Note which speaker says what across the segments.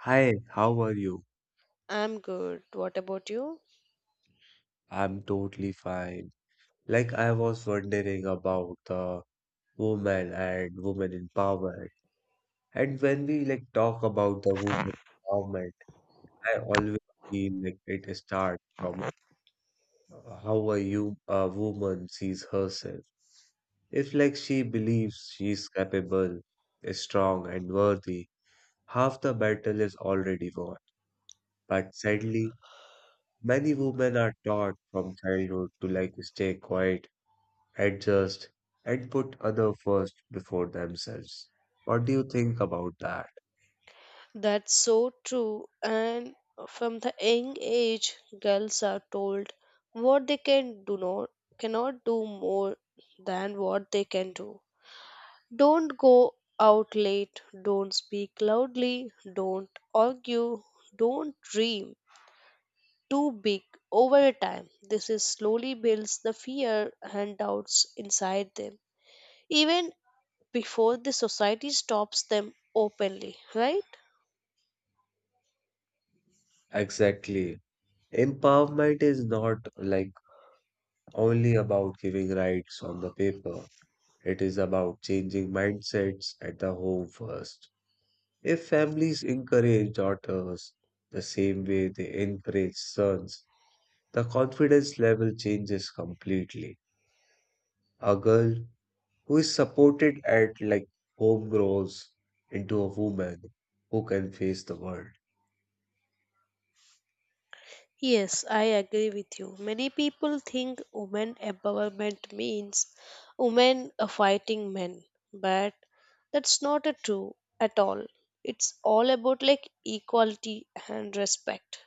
Speaker 1: Hi, how are you?
Speaker 2: I'm good. What about you?
Speaker 1: I'm totally fine. I was wondering about the woman and women in power. And when we talk about the woman empowerment, I always feel like it starts from how a woman sees herself. If she believes she is capable, strong and worthy, half the battle is already won. But sadly, many women are taught from childhood to stay quiet adjust, and put others first before themselves. What do you think about that?
Speaker 2: That's so true. And from the young age, girls are told what they can do not cannot do more than what they can do. Don't go out late, don't speak loudly, don't argue, don't dream too big over time. This is slowly builds the fear and doubts inside them, even before the society stops them openly, right?
Speaker 1: Exactly. Empowerment is not only about giving rights on the paper. It is about changing mindsets at the home first. If families encourage daughters the same way they encourage sons, the confidence level changes completely. A girl who is supported at home grows into a woman who can face the world.
Speaker 2: Yes, I agree with you. Many people think women empowerment means women are fighting men, but that's not a true at all. It's all about like equality and respect.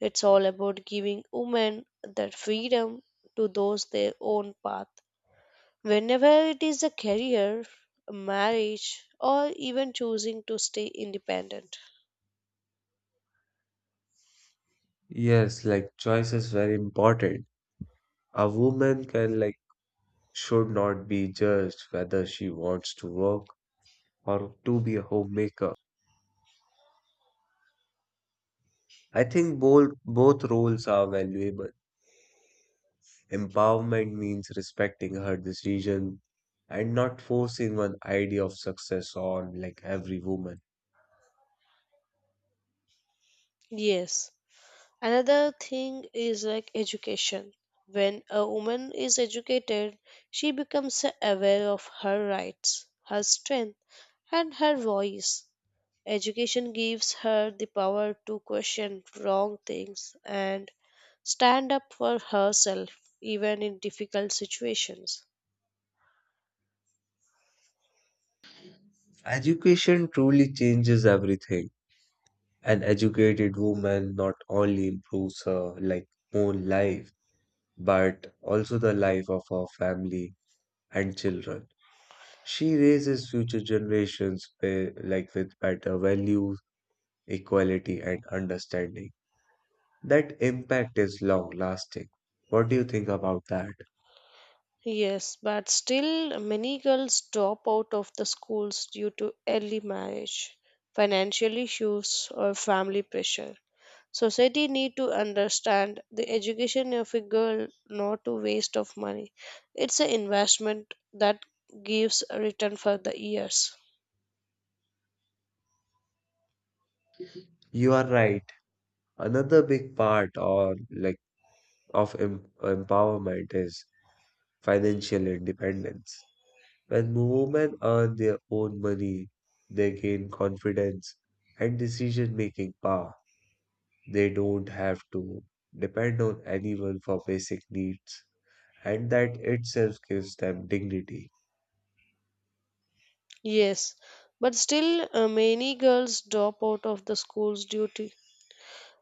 Speaker 2: It's all about giving women that freedom to those their own path. Whenever it is a career, a marriage, or even choosing to stay independent.
Speaker 1: Yes, choice is very important. A woman can like should not be judged whether she wants to work or to be a homemaker. I think both roles are valuable. Empowerment means respecting her decision and not forcing one idea of success on every woman.
Speaker 2: Yes, another thing is like education. When a woman is educated, she becomes aware of her rights, her strength, and her voice. Education gives her the power to question wrong things and stand up for herself even in difficult situations.
Speaker 1: Education truly changes everything. An educated woman not only improves her own life, but also the life of her family and children. She raises future generations with better values, equality, and understanding. That impact is long lasting. What do you think about that?
Speaker 2: Yes, but still, many girls drop out of the schools due to early marriage, financial issues, or family pressure. Society need to understand the education of a girl not a waste of money. It's an investment that gives a return for the years.
Speaker 1: You are right. Another big part or like of empowerment is financial independence. When women earn their own money, they gain confidence and decision making power. They don't have to depend on anyone for basic needs, and that itself gives them dignity.
Speaker 2: Yes, but still many girls drop out of the school's duty.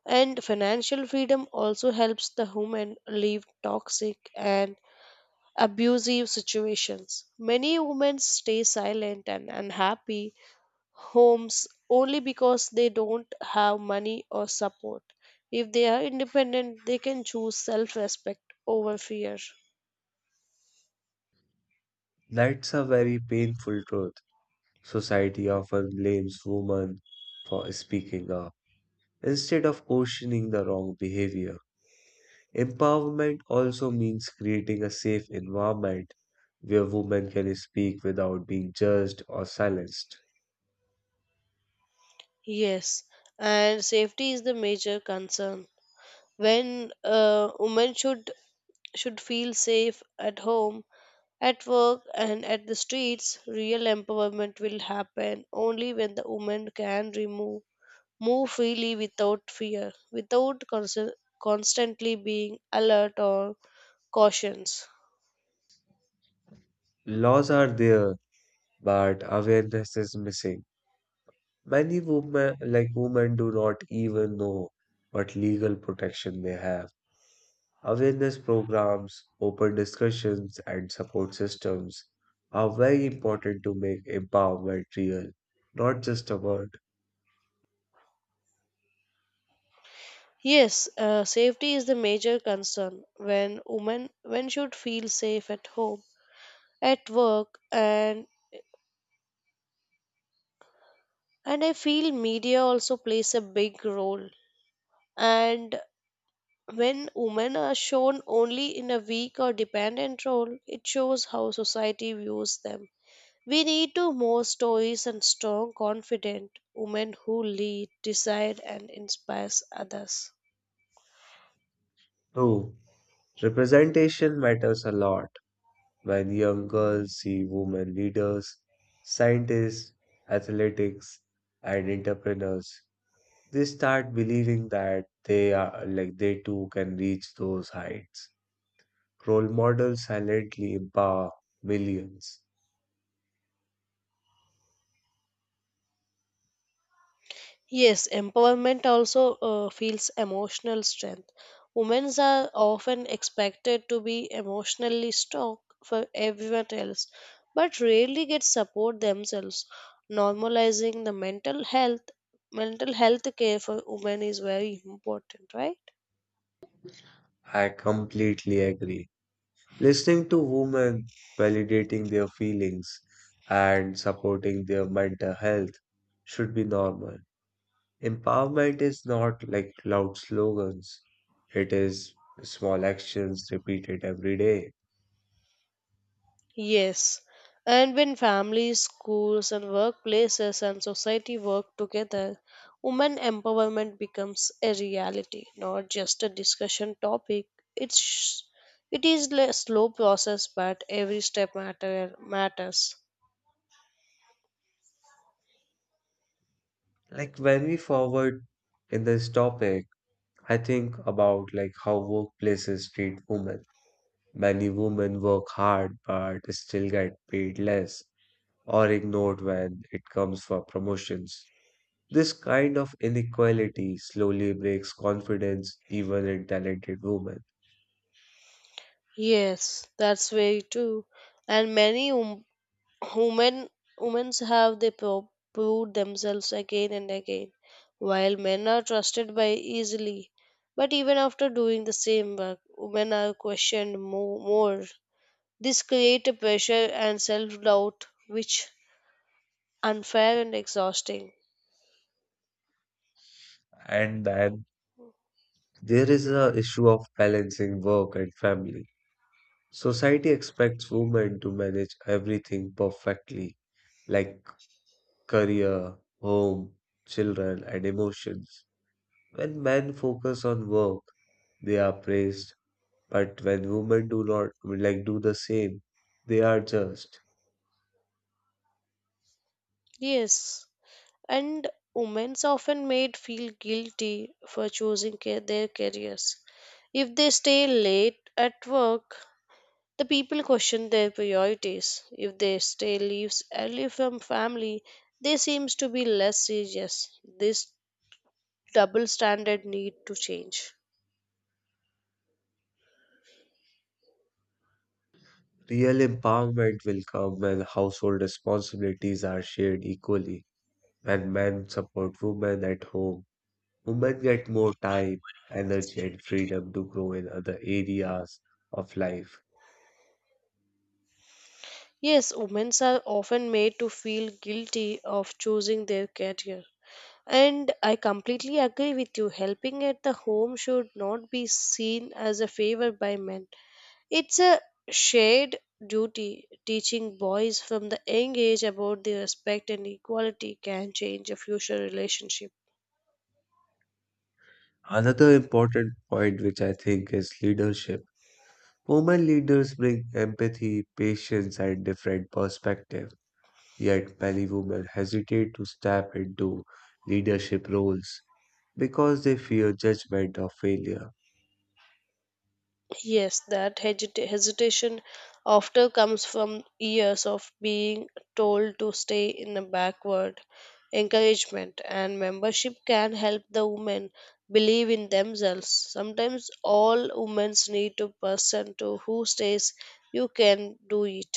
Speaker 2: And financial freedom also helps the women leave toxic and abusive situations. Many women stay silent and unhappy homes only because they don't have money or support. If they are independent, they can choose self respect over fear.
Speaker 1: That's a very painful truth. Society often blames women for speaking up instead of questioning the wrong behavior. Empowerment also means creating a safe environment where women can speak without being judged or silenced.
Speaker 2: Yes, and safety is the major concern. When women should feel safe at home, at work, and at the streets, real empowerment will happen only when the woman can remove move freely without fear, without constantly being alert or cautions.
Speaker 1: Laws are there, but awareness is missing. Many women, do not even know what legal protection they have. Awareness programs, open discussions, and support systems are very important to make empowerment real, not just a word.
Speaker 2: Yes, safety is the major concern when women when should feel safe at home, at work, and I feel media also plays a big role. And when women are shown only in a weak or dependent role, it shows how society views them. We need to more stories and strong, confident women who lead, decide, and inspires others.
Speaker 1: Two, representation matters a lot. When young girls see women leaders, scientists, athletics, and entrepreneurs, they start believing that they are like they too can reach those heights. Role models silently empower millions.
Speaker 2: Yes, empowerment also feels emotional strength. Women are often expected to be emotionally strong for everyone else, but rarely get support themselves. Normalizing the mental health care for women is very important, right?
Speaker 1: I completely agree. Listening to women, validating their feelings, and supporting their mental health should be normal. Empowerment is not loud slogans, it is small actions repeated every day.
Speaker 2: Yes, and when families, schools, and workplaces and society work together, women empowerment becomes a reality, not just a discussion topic. It's sh- it is a slow process, but every step matters.
Speaker 1: When we forward in this topic, I think about how workplaces treat women. Many women work hard but still get paid less or ignored when it comes for promotions. This kind of inequality slowly breaks confidence even in talented women.
Speaker 2: Yes, that's very true, and Women women have they proved themselves again and again, while men are trusted by easily. But even after doing the same work, women are questioned more. This creates a pressure and self doubt which unfair and exhausting.
Speaker 1: And then there is a issue of balancing work and family. Society expects women to manage everything perfectly, like career, home, children, and emotions. When men focus on work, they are praised, but when women do not do the same, they are judged.
Speaker 2: Yes, and women's often made feel guilty for choosing their careers. If they stay late at work, the people question their priorities. If they stay leaves early from family, they seems to be less serious. This double standard need to change.
Speaker 1: Real empowerment will come when household responsibilities are shared equally. When men support women at home, women get more time, energy, and freedom to grow in other areas of life.
Speaker 2: Yes, women are often made to feel guilty of choosing their career. And I completely agree with you. Helping at the home should not be seen as a favor by men. It's a shared duty. Teaching boys from the young age about the respect and equality can change a future relationship.
Speaker 1: Another important point, which I think is leadership. Women leaders bring empathy, patience, and different perspective. Yet many women hesitate to step into leadership roles because they fear judgment or failure.
Speaker 2: Yes, that hesitation often comes from years of being told to stay in a backward. Encouragement and membership can help the women believe in themselves. Sometimes all women need a person to who says you can do it.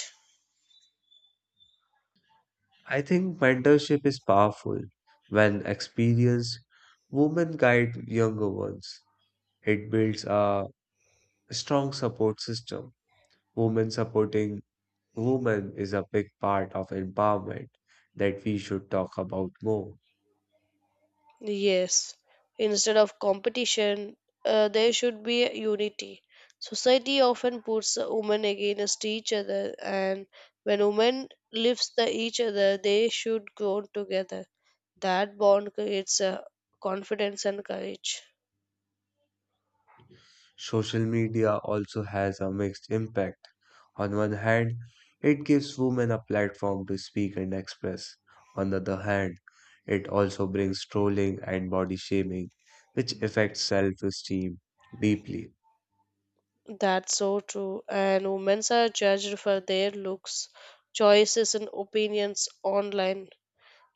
Speaker 1: I think mentorship is powerful when experienced women guide younger ones. It builds a strong support system. Women supporting women is a big part of empowerment that we should talk about more.
Speaker 2: Yes, instead of competition, there should be a unity. Society often puts women against each other, and when women lifts the each other, they should grow together. That bond creates confidence and courage.
Speaker 1: Social media also has a mixed impact. On one hand, it gives women a platform to speak and express. On the other hand, it also brings trolling and body shaming, which affects self esteem deeply.
Speaker 2: That's so true. And women are judged for their looks, choices, and opinions online.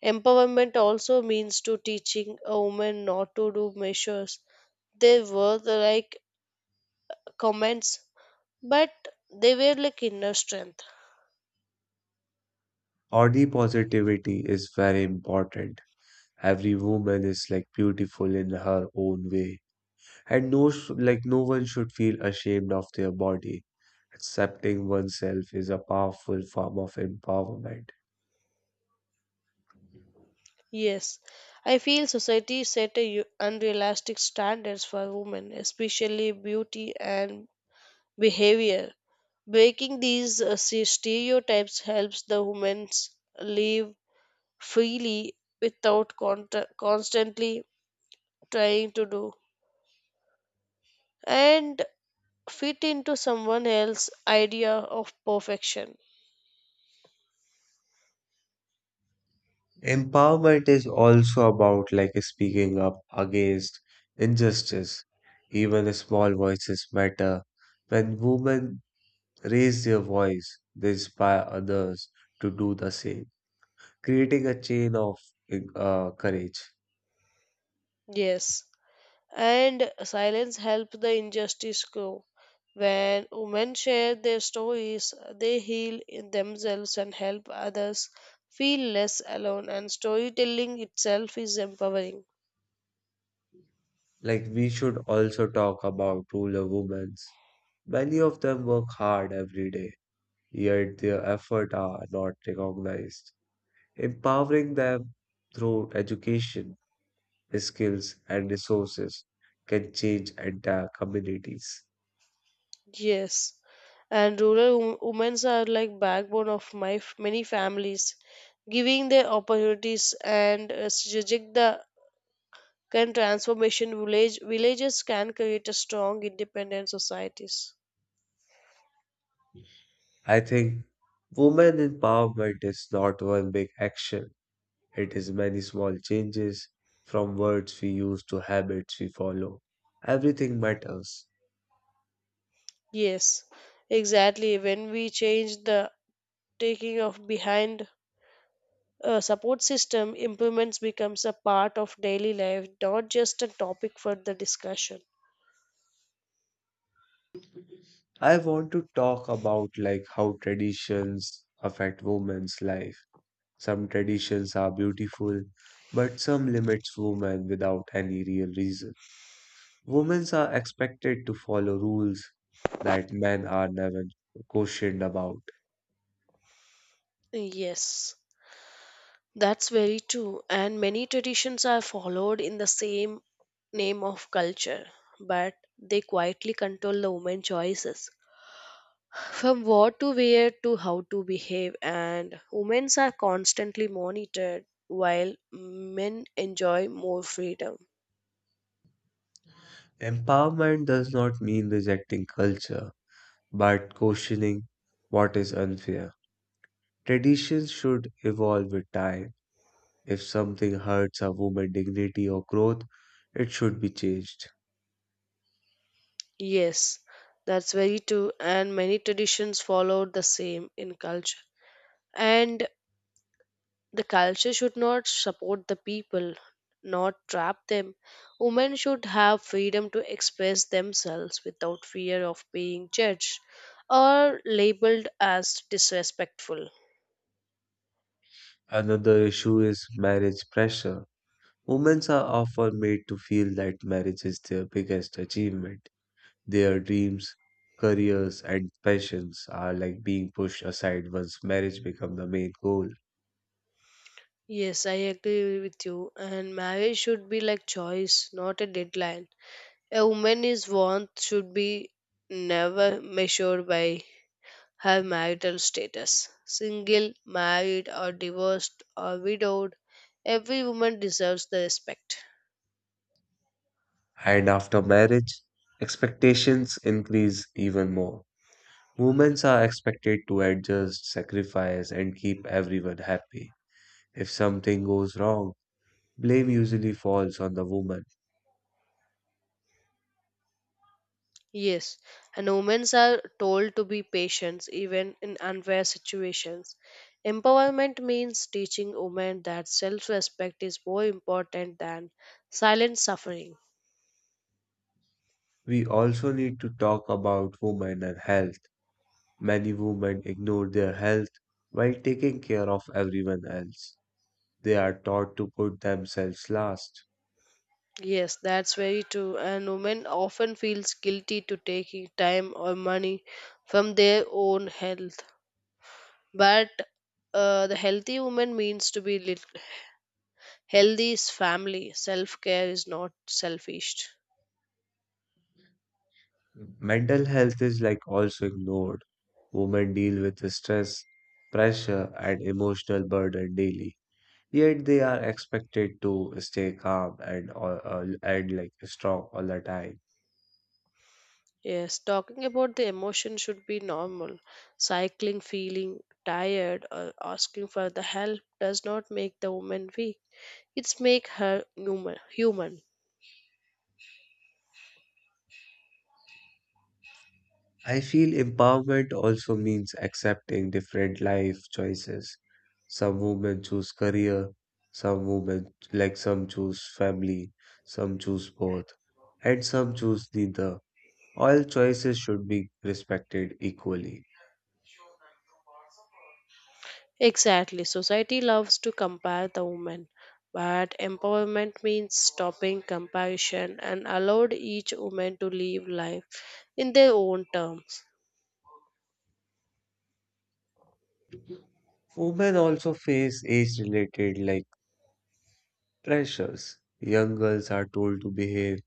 Speaker 2: Empowerment also means to teaching a woman not to do measures. They were the, like comments, but they were like inner strength.
Speaker 1: Body positivity is very important. Every woman is beautiful in her own way. And no one should feel ashamed of their body. Accepting oneself is a powerful form of empowerment.
Speaker 2: Yes, I feel society set a unrealistic standards for women, especially beauty and behavior. Breaking these stereotypes helps the women live freely without constantly trying to do. And fit into someone else's idea of perfection.
Speaker 1: Empowerment is also about speaking up against injustice. Even small voices matter. When women raise their voice, they inspire others to do the same, creating a chain of courage.
Speaker 2: Yes, and silence helps the injustice grow. When women share their stories, they heal in themselves and help others feel less alone, and storytelling itself is empowering.
Speaker 1: We should also talk about rural women. Many of them work hard every day yet their efforts are not recognized. Empowering them through education, skills, and resources can change entire communities.
Speaker 2: Yes, and women are like backbone of many families giving their opportunities and reject the can transformation villages can create a strong independent societies.
Speaker 1: I think women empowerment is not one big action, it is many small changes from words we use to habits we follow. Everything matters.
Speaker 2: Yes, exactly, when we change the taking of behind a support system improvements becomes a part of daily life, not just a topic for the discussion.
Speaker 1: I want to talk about how traditions affect women's life. Some traditions are beautiful, but some limits women without any real reason. Women are expected to follow rules that men are never questioned about.
Speaker 2: Yes, that's very true, and many traditions are followed in the same name of culture, but they quietly control the woman choices. From what to wear to how to behave, and women are constantly monitored while men enjoy more freedom.
Speaker 1: Empowerment does not mean rejecting culture, but questioning what is unfair. Traditions should evolve with time. If something hurts a woman's dignity or growth, it should be changed.
Speaker 2: Yes, that's very true, and many traditions follow the same in culture. And the culture should not support the people, not trap them. Women should have freedom to express themselves without fear of being judged or labeled as disrespectful.
Speaker 1: Another issue is marriage pressure. Women are often made to feel that marriage is their biggest achievement. Their dreams, careers, and passions are being pushed aside once marriage becomes the main goal.
Speaker 2: Yes, I agree with you. And marriage should be like choice, not a deadline. A woman's worth should be never measured by her marital status. Single, married, or divorced, or widowed, every woman deserves the respect.
Speaker 1: And after marriage, expectations increase even more. Women are expected to adjust, sacrifice, and keep everyone happy. If something goes wrong, blame usually falls on the woman.
Speaker 2: Yes, and women are told to be patient even in unfair situations. Empowerment means teaching women that self respect is more important than silent suffering.
Speaker 1: We also need to talk about women and health. Many women ignore their health while taking care of everyone else. They are taught to put themselves last.
Speaker 2: Yes, that's very true. And women often feels guilty to taking time or money from their own health. But the healthy woman means to be healthy is family. Self care is not selfish.
Speaker 1: Mental health is also ignored. Women deal with stress, pressure, and emotional burden daily. Yet they are expected to stay calm and and strong all the time.
Speaker 2: Yes, talking about the emotion should be normal. Cycling, feeling tired, or asking for the help does not make the woman weak. It's make her human. Human.
Speaker 1: I feel empowerment also means accepting different life choices. Some women choose career, some women like some choose family, some choose both, and some choose neither. All choices should be respected equally.
Speaker 2: Exactly. Society loves to compare the woman, but empowerment means stopping comparison and allowed each woman to live life in their own terms.
Speaker 1: Women also face age-related pressures. Young girls are told to behave,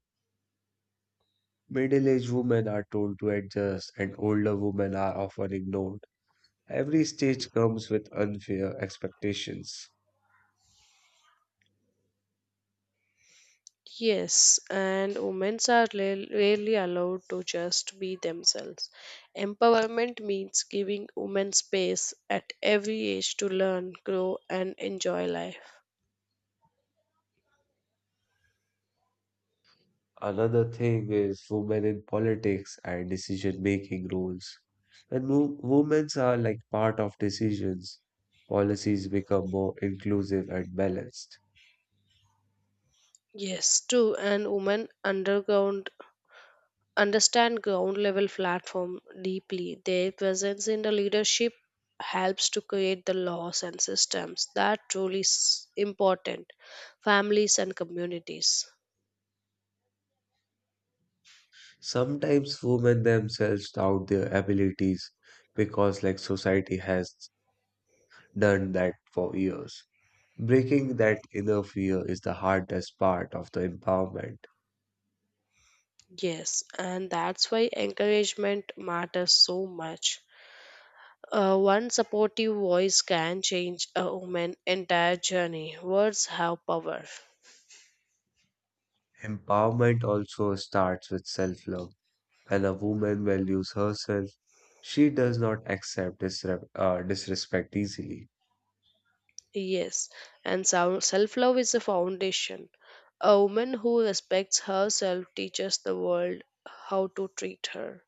Speaker 1: middle-aged women are told to adjust, and older women are often ignored. Every stage comes with unfair expectations.
Speaker 2: Yes, and women are rarely allowed to just be themselves. Empowerment means giving women space at every age to learn, grow, and enjoy life.
Speaker 1: Another thing is women in politics and decision making roles. When women are part of decisions, policies become more inclusive and balanced.
Speaker 2: Yes, true. And women underground understand ground level platform deeply. Their presence in the leadership helps to create the laws and systems that truly is important families and communities.
Speaker 1: Sometimes women themselves doubt their abilities because society has done that for years. Breaking that inner fear is the hardest part of the empowerment.
Speaker 2: Yes, and that's why encouragement matters so much. One supportive voice can change a woman's entire journey, words have power.
Speaker 1: Empowerment also starts with self love. When a woman values herself, she does not accept disrespect easily.
Speaker 2: Yes, and self love is a foundation. A woman who respects herself teaches the world how to treat her.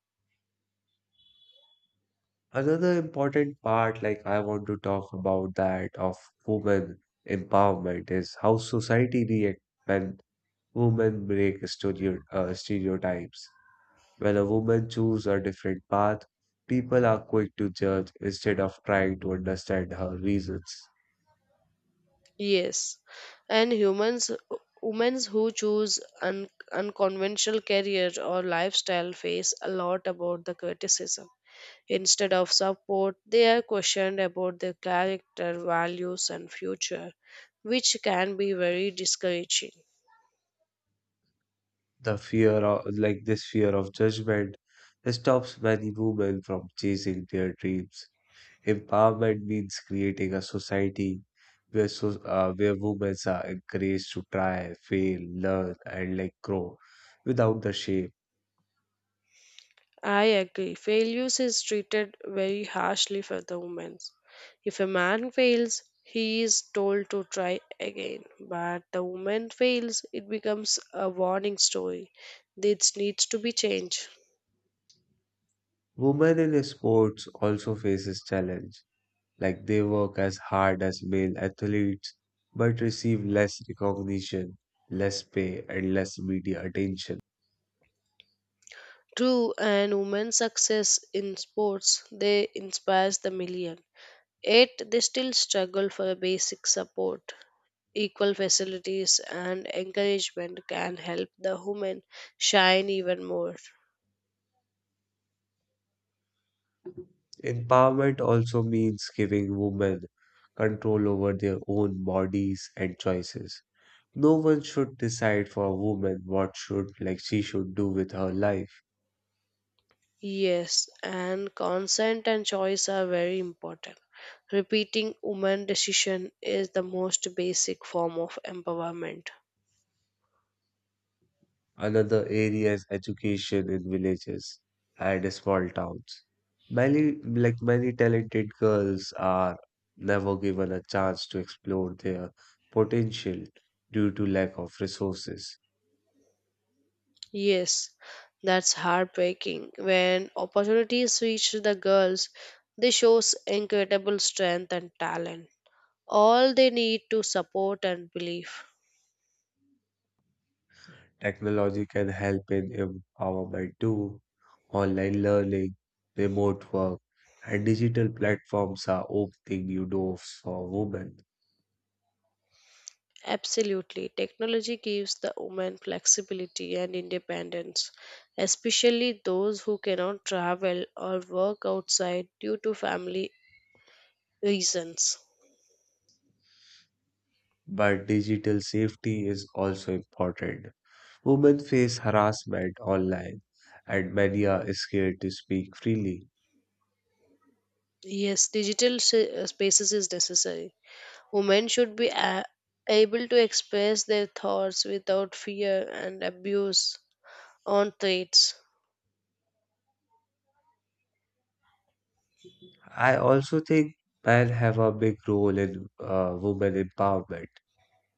Speaker 1: Another important part, I want to talk about that of women empowerment, is how society react when women break stereotypes. When a woman chooses a different path, people are quick to judge instead of trying to understand her reasons.
Speaker 2: Yes, and humans, women who choose unconventional career or lifestyle face a lot about the criticism. Instead of support, they are questioned about their character, values, and future, which can be very discouraging.
Speaker 1: The fear of judgment stops many women from chasing their dreams. Empowerment means creating a society where women are encouraged to try, fail, learn, and grow without the shame.
Speaker 2: I agree. Failures is treated very harshly for the women. If a man fails, he is told to try again. But the woman fails, it becomes a warning story. This needs to be changed.
Speaker 1: Women in sports also faces challenge, they work as hard as male athletes but receive less recognition, less pay, and less media attention.
Speaker 2: True, and women's success in sports, they inspires the million. Yet they still struggle for a basic support. Equal facilities and encouragement can help the women shine even more.
Speaker 1: Empowerment also means giving women control over their own bodies and choices. No one should decide for a woman what should like she should do with her life.
Speaker 2: Yes, and consent and choice are very important. Repeating woman decision is the most basic form of empowerment.
Speaker 1: Another area is education in villages and small towns. Many many talented girls are never given a chance to explore their potential due to lack of resources.
Speaker 2: Yes, that's heartbreaking. When opportunities reach the girls, they shows incredible strength and talent. All they need to support and belief.
Speaker 1: Technology can help in empowerment too. Online learning, remote work, and digital platforms are opening new doors for women.
Speaker 2: Absolutely. Technology gives the woman flexibility and independence, especially those who cannot travel or work outside due to family reasons.
Speaker 1: But digital safety is also important. Women face harassment online, and many are scared to speak freely.
Speaker 2: Yes, spaces is necessary. Women should be able to express their thoughts without fear and abuse on threats.
Speaker 1: I also think men have a big role in women empowerment.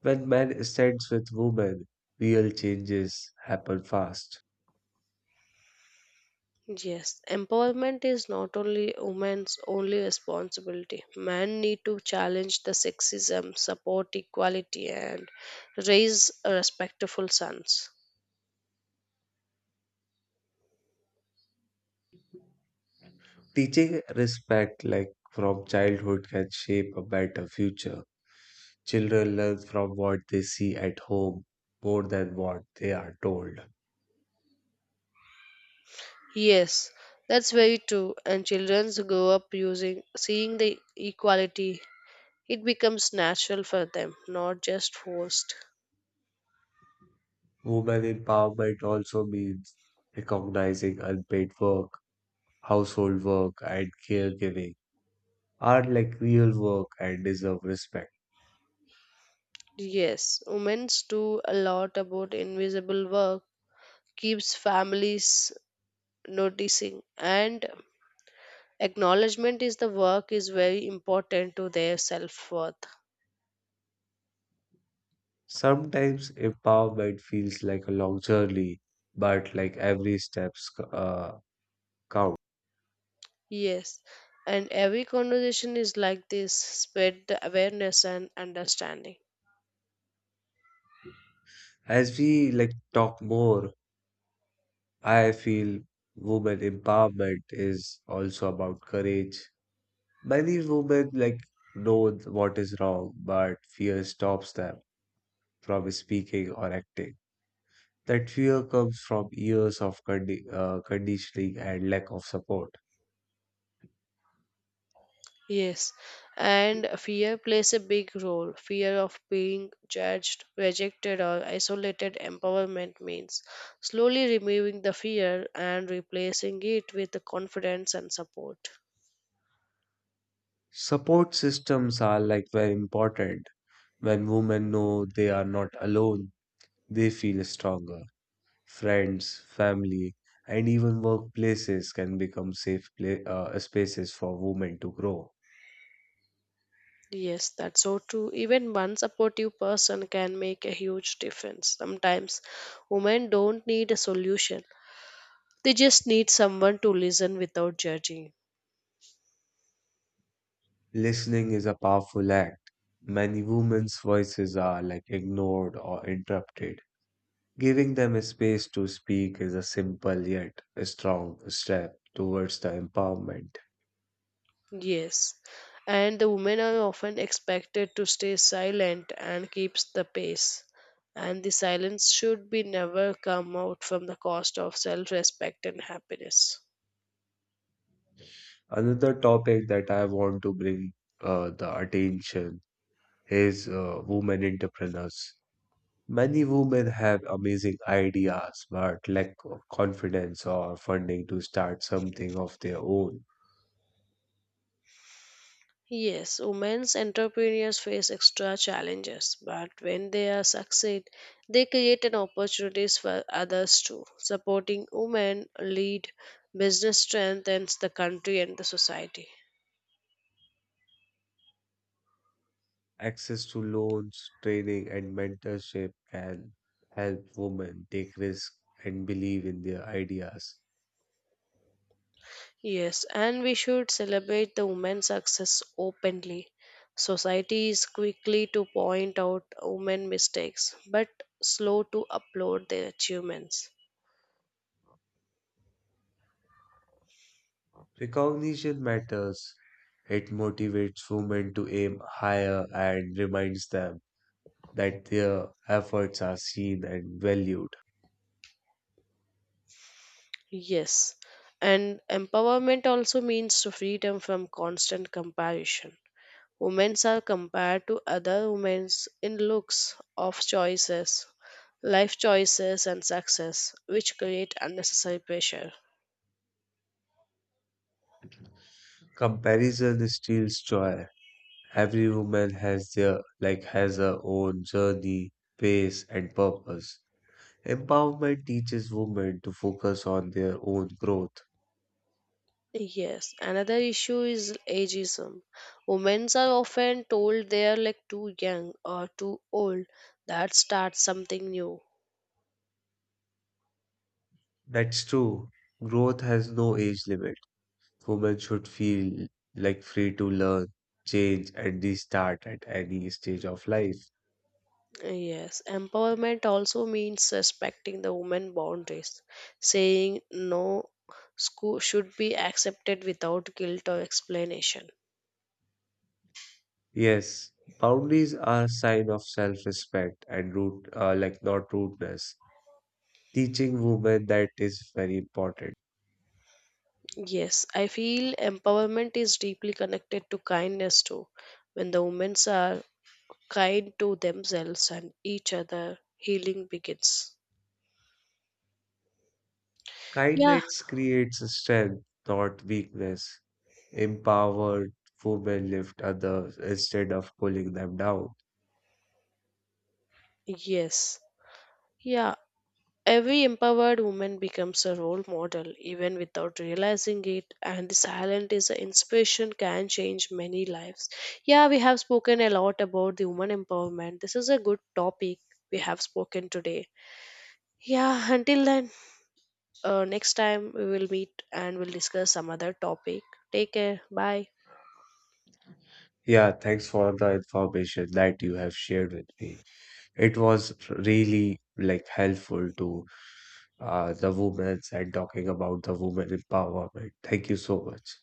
Speaker 1: When men stands with women, real changes happen fast.
Speaker 2: Yes, empowerment is not only women's only responsibility. Men need to challenge the sexism, support equality, and raise respectful sons.
Speaker 1: Teaching respect, from childhood, can shape a better future. Children learn from what they see at home more than what they are told.
Speaker 2: Yes, that's very true. And children grow up using seeing the equality. It becomes natural for them, not just forced.
Speaker 1: Women empowerment also means recognizing unpaid work, household work, and caregiving are real work and deserve respect.
Speaker 2: Yes, women's do a lot about invisible work, keeps families noticing and acknowledgement is the work is very important to their self worth.
Speaker 1: Sometimes empowerment feels like a long journey, but every step uh, counts.
Speaker 2: Yes, and every conversation is like this spread the awareness and understanding.
Speaker 1: As we talk more, I feel women empowerment is also about courage. Many women know what is wrong, but fear stops them from speaking or acting. That fear comes from years of conditioning and lack of support.
Speaker 2: Yes, and fear plays a big role. Fear of being judged, rejected, or isolated empowerment means slowly removing the fear and replacing it with the confidence and support.
Speaker 1: Support systems are very important. When women know they are not alone, they feel stronger. Friends, family, and even workplaces can become safe pla spaces for women to grow.
Speaker 2: Yes, that's so true. Even one supportive person can make a huge difference. Sometimes women don't need a solution, they just need someone to listen without judging.
Speaker 1: Listening is a powerful act. Many women's voices are ignored or interrupted. Giving them a space to speak is a simple yet a strong step towards the empowerment.
Speaker 2: Yes. And the women are often expected to stay silent and keeps the pace. And the silence should be never come out from the cost of self respect and happiness.
Speaker 1: Another topic that I want to bring the attention is women entrepreneurs. Many women have amazing ideas but lack of confidence or funding to start something of their own.
Speaker 2: Yes, women's entrepreneurs face extra challenges, but when they are succeed, they create an opportunities for others too. Supporting women lead business strengthens the country and the society.
Speaker 1: Access to loans, training, and mentorship can help women take risks and believe in their ideas.
Speaker 2: Yes, and we should celebrate the women's success openly. Society is quickly to point out women mistakes, but slow to applaud their achievements.
Speaker 1: Recognition matters. It motivates women to aim higher and reminds them that their efforts are seen and valued.
Speaker 2: Yes. And empowerment also means freedom from constant comparison. Women are compared to other women in looks, of choices, life choices, and success, which create unnecessary pressure.
Speaker 1: Comparison steals joy. Every woman has their like has her own journey, pace, and purpose. Empowerment teaches women to focus on their own growth.
Speaker 2: Yes, another issue is ageism. Women are often told they are like too young or too old that starts something new.
Speaker 1: That's true. Growth has no age limit. Women should feel free to learn, change, and restart at any stage of life.
Speaker 2: Yes, empowerment also means respecting the woman boundaries, saying no school should be accepted without guilt or explanation.
Speaker 1: Yes, boundaries are a sign of self-respect and root, like not rudeness. Teaching women that is very important.
Speaker 2: Yes, I feel empowerment is deeply connected to kindness too. When the women are kind to themselves and each other, healing begins. Yeah,
Speaker 1: Kindness creates strength, not weakness. Empowered women lift others instead of pulling them down.
Speaker 2: yes. Yeah, every empowered woman becomes a role model even without realizing it, and the silent is an inspiration can change many lives. Yeah, we have spoken a lot about the woman empowerment. This is a good topic we have spoken today. Yeah, until then, next time we will meet and we'll discuss some other topic. Take care. Bye.
Speaker 1: Yeah, thanks for the information that you have shared with me. It was really helpful to the women and talking about the women empowerment. Thank you so much.